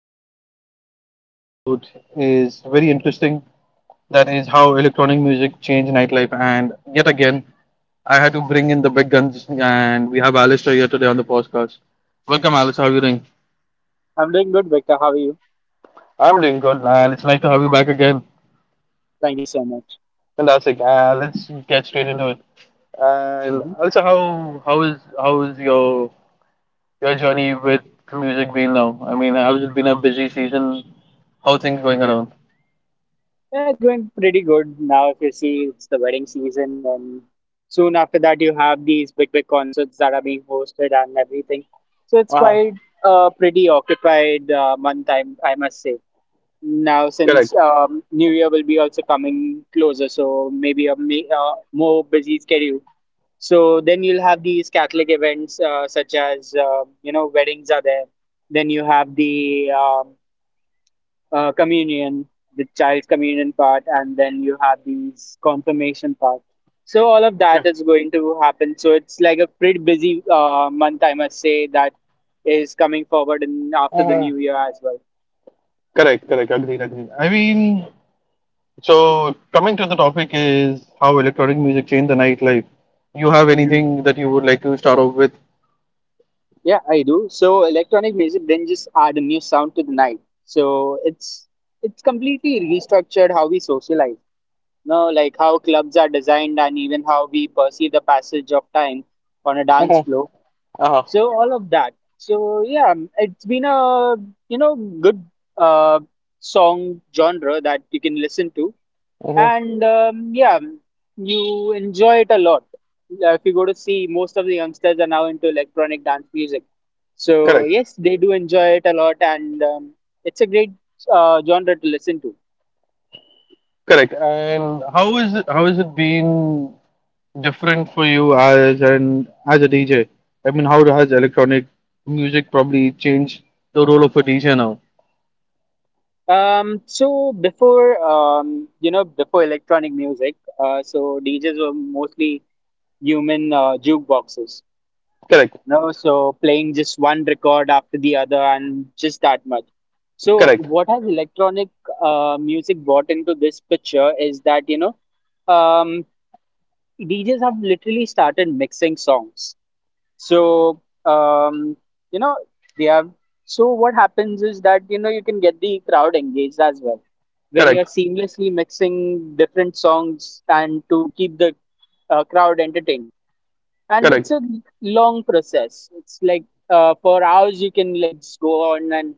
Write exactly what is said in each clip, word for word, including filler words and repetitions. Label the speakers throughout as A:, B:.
A: what we're gonna today discuss about is very interesting. That is how electronic music changed nightlife. And yet again, I had to bring in the big guns, and we have Alistair here today on the podcast. Welcome, Alistair. How are you doing?
B: I'm doing good, Victor. How are you?
A: I'm doing good, and it's nice to have you back again.
B: Thank you so much.
A: Fantastic. Uh, let's get straight into it. And
B: hmm
A: also, how how is how is your your journey with music been now? I mean, has it been a busy season? How things going
B: hmm
A: around?
B: Yeah, it's going pretty good now. If you see, it's the wedding season, and soon after that, you have these big, big concerts that are being hosted and everything. So it's
A: Uh,
B: quite a pretty occupied uh, month, I, I must say. Now, since um, New Year will be also coming closer, so maybe a ma- uh, more busy schedule. So then you'll have these Catholic events, uh, such as uh, you know, weddings are there. Then you have the um, uh, communion, the child's communion part, and then you have these confirmation part. So all of
A: yeah,
B: that is going to happen. So it's like a pretty busy uh, month, I must say, that is coming forward in after the new year as well.
A: correct, correct. Agreed, agreed. I mean, so coming to the topic is how electronic music changed the nightlife. You have
B: Mhm.
A: anything that you would like to start off with?
B: Yeah, I do. So electronic music did just add a new sound to the night. So it's it's completely restructured how we socialize. No, like how clubs are designed and even how we perceive the passage of time on a dance
A: Uh-huh.
B: floor,
A: Uh-huh.
B: so all of that. So yeah um, it's been a you know good uh, song genre that you can listen to,
A: Uh-huh.
B: and um, yeah, you enjoy it a lot. Uh, if you go to see, most of the youngsters are now into electronic dance music, so
A: Correct,
B: yes, they do enjoy it a lot, and um, it's a great uh, genre to listen to.
A: correct. And how is it, how has it been different for you as an as a D J? I mean, how has electronic music probably changed the role of a D J now?
B: Um so before um you know Before electronic music, uh, so DJs were mostly human uh, jukeboxes.
A: Correct,
B: No, so playing just one record after the other and just that much. So,
A: correct,
B: what has electronic uh, music brought into this picture is that, you know, um, D Js have literally started mixing songs. So, um, you know, they have. So, what happens is that, you know, you can get the crowd engaged as well when you're
A: correct.
B: seamlessly mixing different songs, and to keep the uh, crowd entertained. And
A: Correct,
B: it's a long process. It's like, uh, for hours you can like just go on and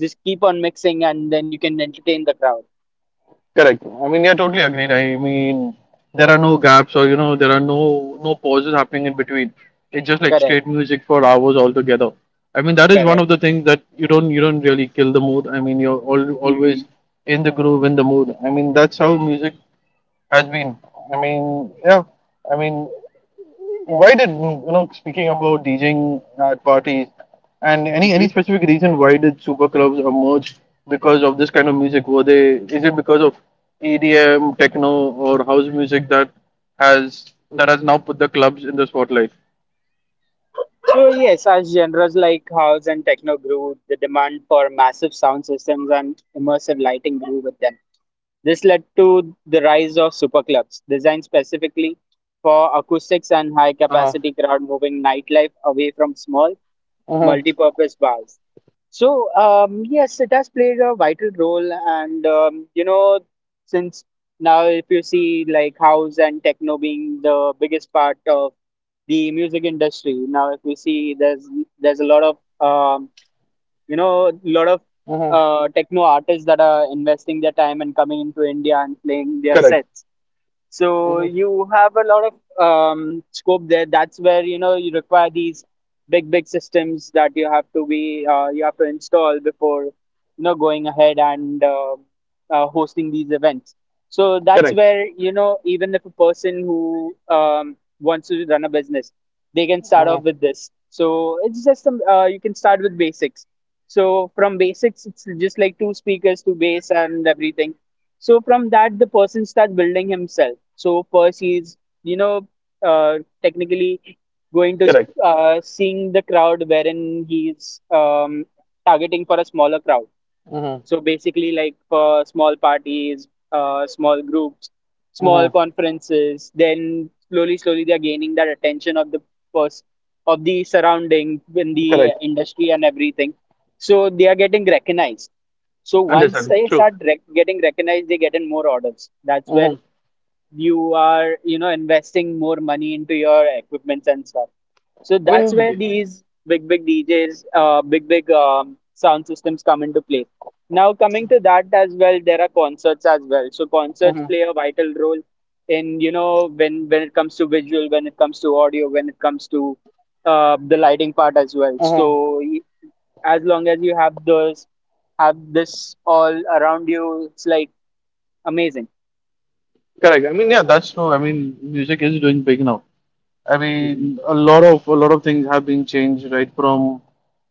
B: just keep on mixing, and then you can entertain the crowd.
A: correct. I mean, yeah, totally agreed. I mean, there are no gaps or you know, there are no no pauses happening in between. It's just like
B: Correct
A: straight music for hours altogether. I mean, that is one of
B: correct
A: the things that you don't you don't really kill the mood. I mean, you're all, always
B: hmm
A: in the groove, in the mood. I mean, that's how music has been. I mean, yeah. I mean, why did you know? Speaking about DJing at parties, and any any
B: hmm
A: specific reason why did super clubs emerge because of this kind of music? Were they? Is it because of E D M, techno, or house music that has that has now put the clubs in the spotlight?
B: So yes, as genres like house and techno grew, the demand for massive sound systems and immersive lighting grew with them. This led to the rise of superclubs designed specifically for acoustics and high capacity crowd, moving nightlife away from small
A: Mhm.
B: multi-purpose bars. So, um, yes, it has played a vital role. And, um, you know, since now, if you see, like house and techno being the biggest part of the music industry, now, if we see, there's there's a lot of, um, you know, lot of
A: Mhm.
B: uh, techno artists that are investing their time and coming into India and playing their
A: Correct.
B: sets. So
A: Mhm.
B: you have a lot of um, scope there. That's where, you know, you require these big, big systems that you have to be uh, you have to install before you know going ahead and uh, uh, hosting these events. So that's
A: Correct.
B: where, you know, even if a person who um, wants to run a business, they can start off
A: Mhm.
B: with this. So it's just um, uh, you can start with basics. So from basics, it's just like two speakers, two bass, and everything. So from that, the person starts building himself. So first, he's you know uh, technically going to
A: Correct.
B: uh, seeing the crowd wherein he's um, targeting for a smaller crowd.
A: Mhm.
B: So basically, like for small parties, uh, small groups, small
A: Mhm.
B: conferences. Then slowly, slowly, they are gaining that attention of the person, of the surrounding in the uh,
A: Correct.
B: industry and everything. So they are getting recognized. So once
A: Understand.
B: they
A: True.
B: start rec- getting recognized, they get in more orders. That's where
A: Mhm.
B: you are, you know, investing more money into your equipments and stuff. So
A: I
B: that's
A: mean,
B: where
A: mhm,
B: these big, big D Js, uh, big, big um, sound systems come into play. Now, coming to that as well, there are concerts as well. So concerts play a vital role in, you know, when when it comes to visual, when it comes to audio, when it comes to uh, the lighting part as well.
A: mhm.
B: So as long as you have those have this all around you, it's like amazing.
A: Correct. I mean, yeah, that's true. I mean, music is doing big now. I
B: hmm
A: mean, a lot of a lot of things have been changed, right? From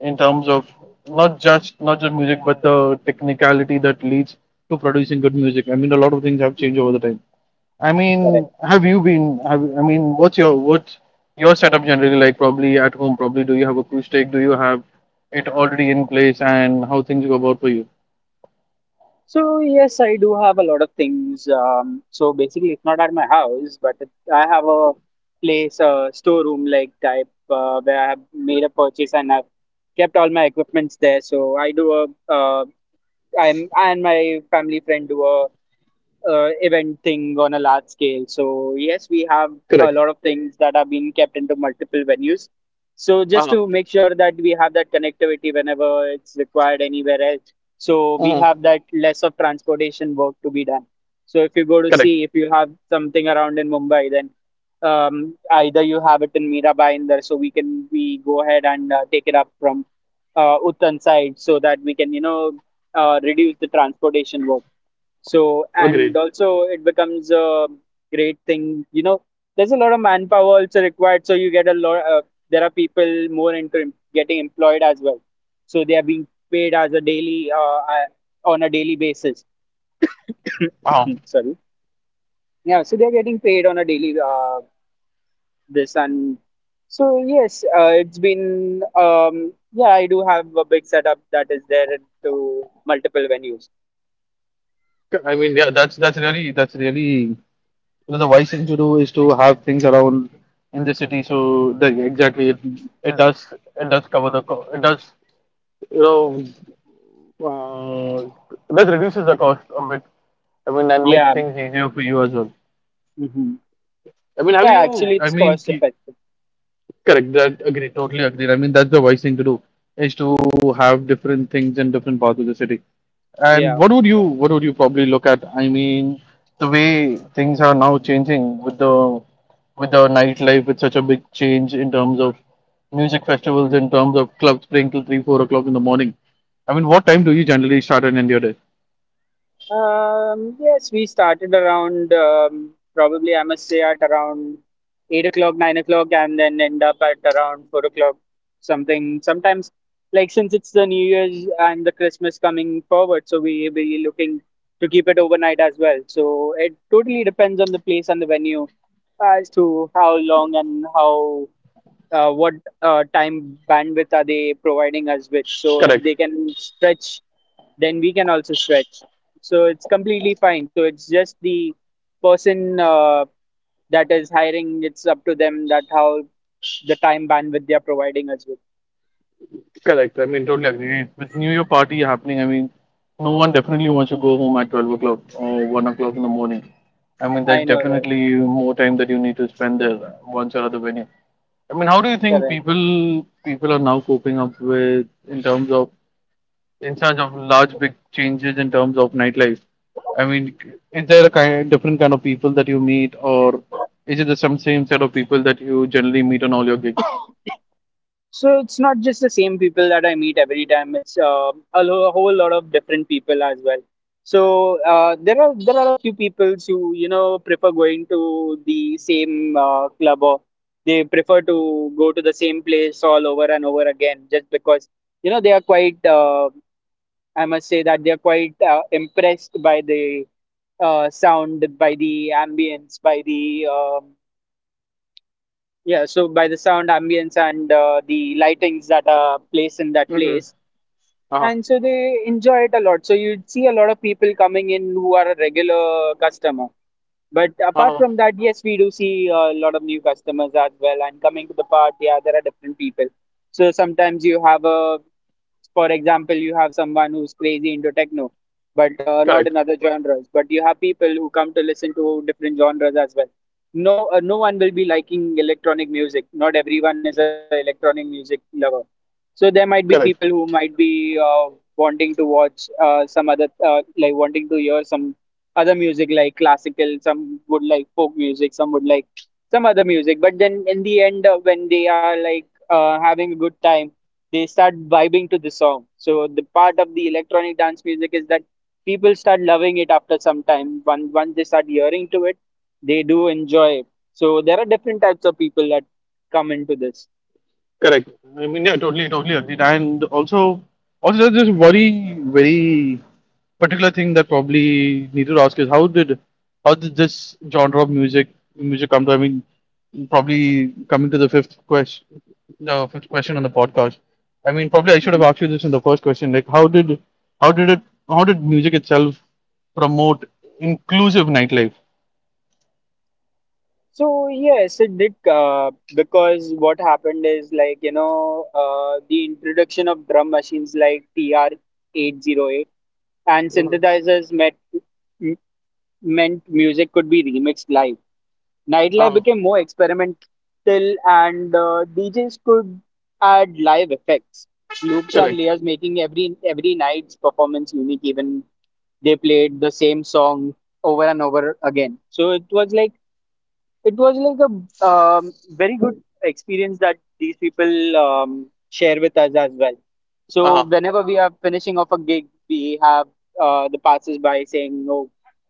A: in terms of not just not just music, but the technicality that leads to producing good music. I mean, a lot of things have changed over
B: hmm
A: the time. I
B: Correct.
A: mean, have you been? Have I mean, what's your what's your setup generally like? Probably at home. Probably do you have acoustic? Do you have it already in place? And how things go about for you?
B: So yes, I do have a lot of things. Um, so basically, it's not at my house, but it, I have a place, a storeroom like type, uh, where I have made a purchase, and I've kept all my equipments there. So I do a, uh, i'm I and my family friend do a uh, event thing on a large scale. So yes, we have
A: Correct.
B: a lot of things that are being kept into multiple venues. So
A: Uh-huh.
B: just to make sure that we have that connectivity whenever it's required anywhere else. So
A: uh
B: we have that less of transportation work to be done. So if you go to
A: Correct.
B: see, if you have something around in Mumbai, then um, either you have it in Mirabai in there, so we can, we go ahead and uh, take it up from uh, Uttan side, so that we can, you know, uh, reduce the transportation work. So, and
A: Agreed.
B: also it becomes a great thing. You know, there's a lot of manpower also required. So you get a lot. Uh, there are people more into em- getting employed as well. So they are being paid as a daily uh, uh, on a daily basis.
A: Wow.
B: Sorry. Yeah. So they're getting paid on a daily uh, this and so yes, uh, it's been um, yeah. I do have a big setup that is there to multiple venues.
A: I mean, yeah, that's that's really that's really so the wise thing to do is to have things around in the city. So the exactly it,
B: Mhm.
A: it does it does cover the co- it does, you know uh, it does reduces the cost a bit. I mean and make
B: Yeah.
A: things easier for you as well.
B: hmm
A: I mean, have
B: Yeah. Actually,
A: you? I
B: it's
A: mean,
B: cost effective.
A: correct. That agree. Totally agree. I mean, that's the wise thing to do is
B: Mhm.
A: to have different things in different parts of the city. And
B: Yeah.
A: what would you what would you probably look at? I mean, the way things are now changing with the with the nightlife, with such a big change in terms of music festivals,
B: Mhm.
A: in terms of clubs playing till three, four o'clock in the morning. I mean, what time do you generally start and end your day?
B: Um, yes, we started around um, probably I must say at around eight o'clock, nine o'clock, and then end up at around four o'clock, something. Sometimes, like since it's the New Year's and the Christmas coming forward, so we we looking to keep it overnight as well. So it totally depends on the place and the venue as to how long and how uh, what uh, time bandwidth are they providing us with. So if
A: Correct.
B: they can stretch, then we can also stretch. So it's completely fine. So it's just the person uh, that is hiring. It's up to them, that how the time bandwidth they are providing us with.
A: Correct. I mean, totally agree. With New Year party happening, I mean, no one definitely wants to
B: Mhm.
A: go home at twelve o'clock or one o'clock in the morning. I mean,
B: I
A: there's
B: know, right?
A: definitely more time that you need to spend there once or other venue. I mean, how do you think
B: Correct.
A: people people are now coping up with in terms of in terms of large big changes in terms of nightlife? I mean, is there a kind different kind of people that you meet, or is it the some same set of people that you generally meet on all your gigs?
B: So it's not just the same people that I meet every time. It's uh, a, lo- a whole lot of different people as well. So uh, there are there are a few people who, you know, prefer going to the same uh, club, or they prefer to go to the same place all over and over again, just because you know they are quite uh, I must say that they are quite uh, impressed by the uh, sound, by the ambience, by the um yeah, so by the sound ambience and uh, the lightings that are placed in
A: Mm-hmm.
B: that place.
A: Uh-huh.
B: And so they enjoy it a lot. So you'd see a lot of people coming in who are a regular customer. But
A: Uh-huh.
B: apart from that, yes, we do see a lot of new customers as well. And coming to the part, yeah, there are different people. So sometimes you have a, for example, you have someone who's crazy into techno, but uh,
A: Correct.
B: not in other genres. But you have people who come to listen to different genres as well. No, uh, no one will be liking electronic music. Not everyone is an electronic music lover. So there might be
A: Correct.
B: people who might be uh, wanting to watch uh, some other, uh, like wanting to hear some other music, like classical. Some would like folk music, some would like some other music. But then in the end, uh, when they are like uh, having a good time, they start vibing to the song. So the part of the electronic dance music is that people start loving it after some time. Once once they start hearing to it, they do enjoy it. So there are different types of people that come into this.
A: Correct. I mean, yeah, totally, totally agreed. And also, also there's this very, very particular thing that probably need to ask is how did, how did this genre of music, music come to? I mean, probably coming to the fifth question, the fifth question on the podcast. I mean, probably I should have asked you this in the first question. Like, how did, how did it, how did music itself promote inclusive nightlife?
B: So yes, it did, uh, because what happened is, like, you know, uh, the introduction of drum machines like T R eight oh eight and
A: Uh-huh.
B: synthesizers met, m- meant music could be remixed live. Nightlife
A: Uh-huh.
B: became more experimental, and uh, D Js could add live effects, loops and
A: Correct.
B: layers, making every every night's performance unique. Even they played the same song over and over again. So it was like, it was like a um, very good experience that these people um, share with us as well. So
A: Uh-huh.
B: whenever we are finishing off a gig, we have uh, the passers by saying, "No,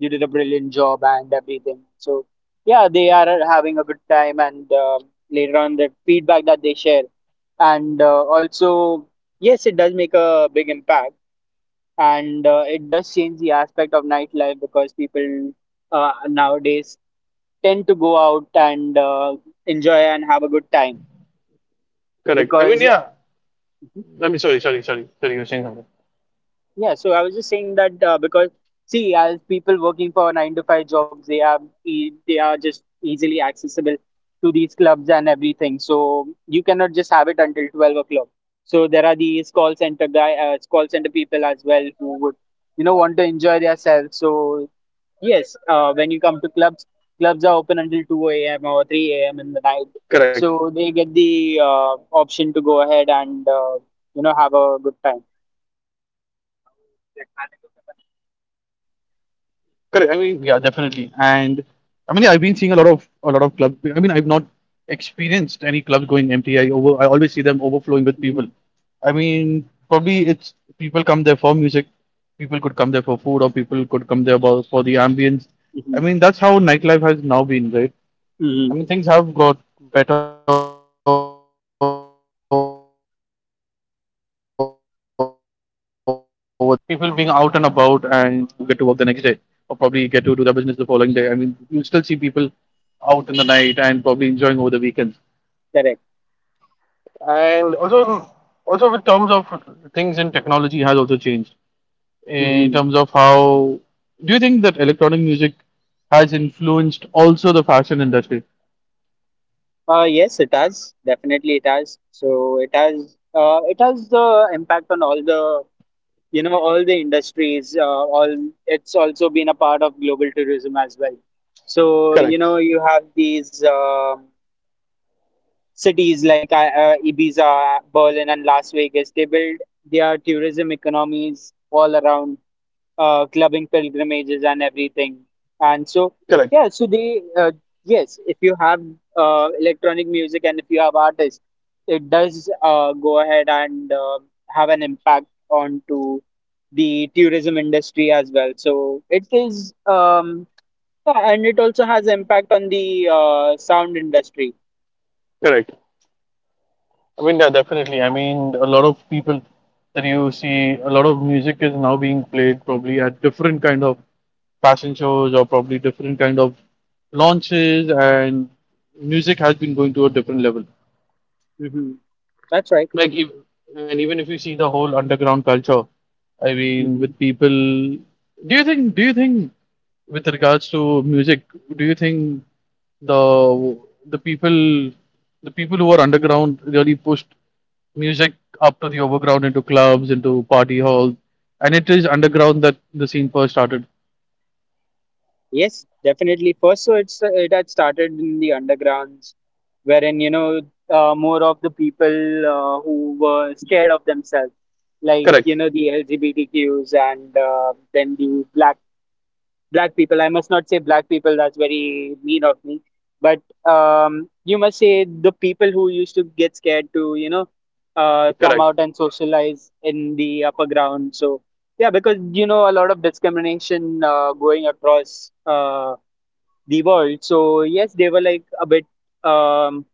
B: you did a brilliant job" and everything. So yeah, they are having a good time, and um later on the feedback that they share, and uh, also yes, it does make a big impact and uh, it does change the aspect of nightlife because people uh, nowadays tend to go out and uh, enjoy and have a good time
A: Correct. I mean,
B: because
A: yeah. I mean, sorry, sorry, sorry, sorry. You're saying something.
B: yeah so i was just saying that uh, because see, as people working for nine to five jobs, they are e- they are just easily accessible to these clubs and everything, so you cannot just have it until twelve o'clock. So there are these call center guy uh, call center people as well who would, you know, want to enjoy themselves. So yes, uh, when you come to clubs, clubs are open until two a m or three a m in the night.
A: Correct.
B: So they get the uh, option to go ahead and uh, you know, have a good time.
A: Correct. I mean, yeah, definitely. And I mean, yeah, I've been seeing a lot of a lot of clubs. I mean, I've not experienced any clubs going empty. I over I always see them overflowing with people. I mean,
B: Hmm.
A: probably it's people come there for music, people could come there for food, or people could come there bo- for the ambience. I mean, that's how
B: Hmm.
A: nightlife has now been, right? I mean, things
B: Hmm.
A: have got better over the time, and looking at it, wherein people being out and about and do they need to get to work the next day or probably get to do their business the following day. I mean you'll still see people out in the night and probably enjoying over the weekends
B: Correct.
A: and also also in terms of things in technology has also changed in terms
B: Hmm.
A: of how do you think that electronic music has influenced also the fashion industry?
B: Uh, yes, it has. Definitely, it has. So it has. Uh, it has the impact on all the, you know, all the industries. Uh, all it's also been a part of global tourism as well. So you
A: Correct,
B: know, you have these. um Cities like uh, uh, Ibiza, Berlin, and Las Vegas, they build their tourism economies all around uh, clubbing pilgrimages and everything. And so,
A: correct,
B: yeah, so they, uh, yes, if you have uh, electronic music and if you have artists, it does uh, go ahead and uh, have an impact onto the tourism industry as well. So it is, um, yeah, and it also has impact on the uh, sound industry.
A: correct. I mean, yeah, definitely. I mean, a lot of people that you see, a lot of music is now being played probably at different kind of fashion shows or probably different kind of launches, and music has been going to a different level.
B: Hmm. That's right.
A: Like, if, and even if you see the whole underground culture, I mean,
B: Hmm.
A: with people, do you think, do you think, with regards to music, do you think the the people, the people who are underground really pushed music up to the overground into clubs, into party halls, and it is underground that the scene first started.
B: Yes, definitely. First, so it's uh, it had started in the undergrounds, wherein, you know, uh, more of the people uh, who were scared of themselves, like,
A: Correct.
B: you know, the L G B T Qs, and uh, then the black black people. I must not say black people. That's very mean of me. But um, you must say the people who used to get scared to, you know, uh, come
A: Correct.
B: out and socialize in the upper ground. So yeah, because, you know, a lot of discrimination uh, going across uh, the world. So yes, they were like a bit um,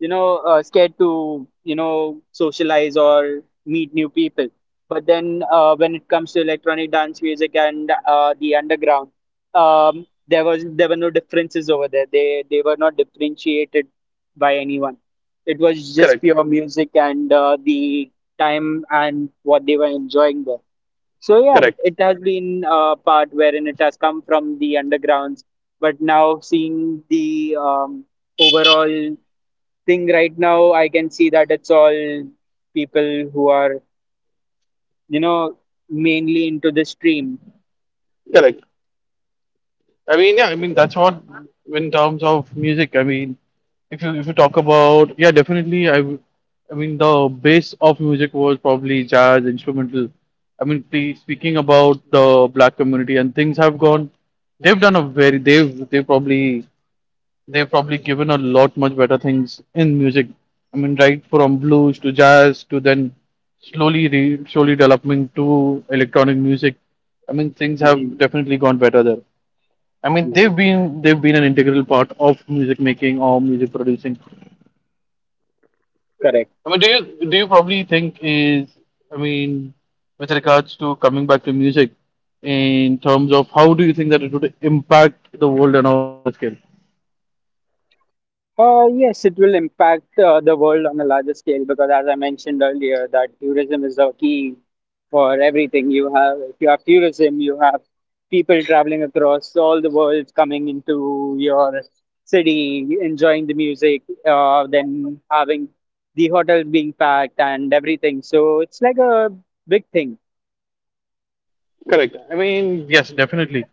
B: you know, uh, scared to, you know, socialize or meet new people, but then uh, when it comes to electronic dance music and uh, the underground, um, there was there were no differences over there. They they were not differentiated by anyone. It was just
A: Correct.
B: pure music and uh, the time and what they were enjoying there. So yeah,
A: Correct.
B: it has been a part wherein it has come from the undergrounds, but now seeing the um, overall thing right now, I can see that it's all people who are, you know, mainly into the stream.
A: Correct. I mean, yeah, I mean that's what in terms of music. I mean, if you if you talk about yeah, definitely. I w- I mean the base of music was probably jazz, instrumental. I mean, pe- speaking about the black community and things have gone. They've done a very they've they probably they've probably given a lot much better things in music. I mean, right from blues to jazz to then slowly re, slowly developing to electronic music. I mean, things
B: Hmm.
A: have definitely gone better there. I mean, they've
B: Hmm.
A: been they've been an integral part of music making or music producing.
B: Correct.
A: I mean, do you do you probably think is I mean, with regards to coming back to music, in terms of how do you think that it would impact the world on a larger scale?
B: Uh, yes, it will impact uh, the world on a larger scale because, as I mentioned earlier, that tourism is the key for everything. You have, if you have tourism, you have people traveling across all the world coming into your city, enjoying the music, uh, then having the hotels being packed and everything. So it's like a big thing.
A: Correct. I mean, yes, definitely.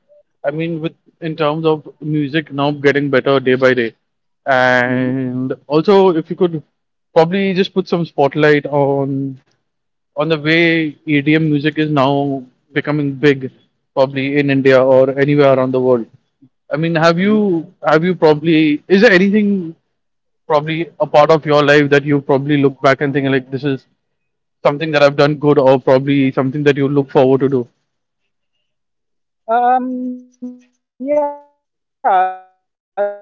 A: I mean, with in terms of music now getting better day by day,
B: Mhm.
A: and also if you could probably just put some spotlight on on the way E D M music is now becoming big, probably in India or anywhere around the world. I mean, have you have you probably is there anything probably a part of your life that you probably look back and think like this is something that I've done good or probably something that you look forward to do?
B: Um, yeah, there has been so.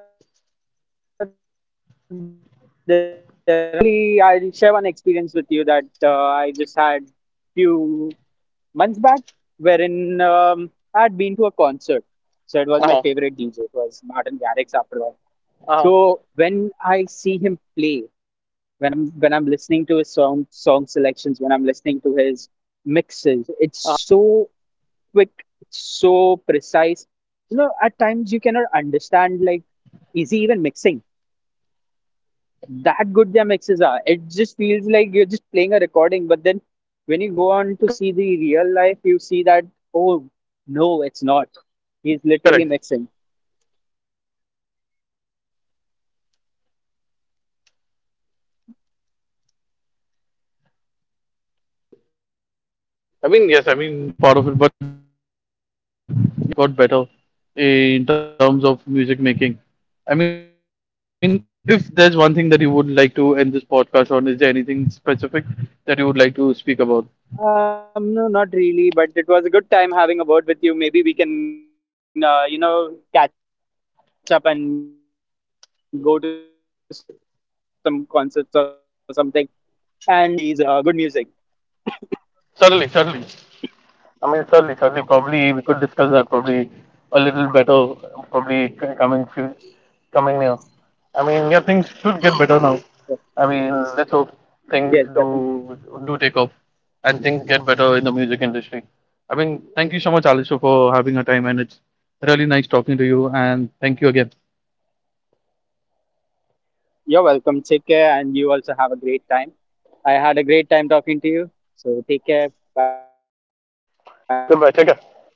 B: Uh, Recently, I'll share one experience with you that uh, I just had few months back, wherein um, I had been to a concert. So it was my favorite D J. It was Martin Garrix after all. So when I see him play,
A: Uh-huh.
B: when I'm when I'm listening to his song song selections, when I'm
A: Uh-huh.
B: listening to his mixes, it's so quick,
A: Uh-huh.
B: it's so precise. You know, at times you cannot understand, like, is he even mixing?
A: Hmm.
B: That good their mixes are. It just feels like you're just playing a recording, but then when you go on to see the real life, you see that, oh no, it's not. He's
A: Correct.
B: literally mixing.
A: Correct. I mean, yes, I mean, not, I mean, I just listen to music probably, and I've not probably got into the technical part of it, but yeah, as you, as you explained, I think, I think a lot of things have got better in terms of music making. I mean, if there's one thing that you would like to end this podcast on, is there anything specific that you would like to speak about?
B: Um, no, not really, but it was a good time having a word with you. Maybe we can, uh, you know, catch up and go to some concerts or something and uh, experience this uh, good vibe and, uh, you know, these uh, good music.
A: Certainly, certainly. I mean, certainly, certainly, probably we could discuss that probably a little better, probably c- coming few, coming near. I mean, yeah, things should get better now. I mean, let's hope
B: Yes,
A: things
B: definitely.
A: do do take off and things get better in the music industry. I mean, thank you so much, Alisha, for having a time, and it's really nice talking to you. And thank you again.
B: You're welcome. Take care, and you also have a great time. I had a great time talking to you. So take care. Bye. Good night.
A: Goodbye. Take care.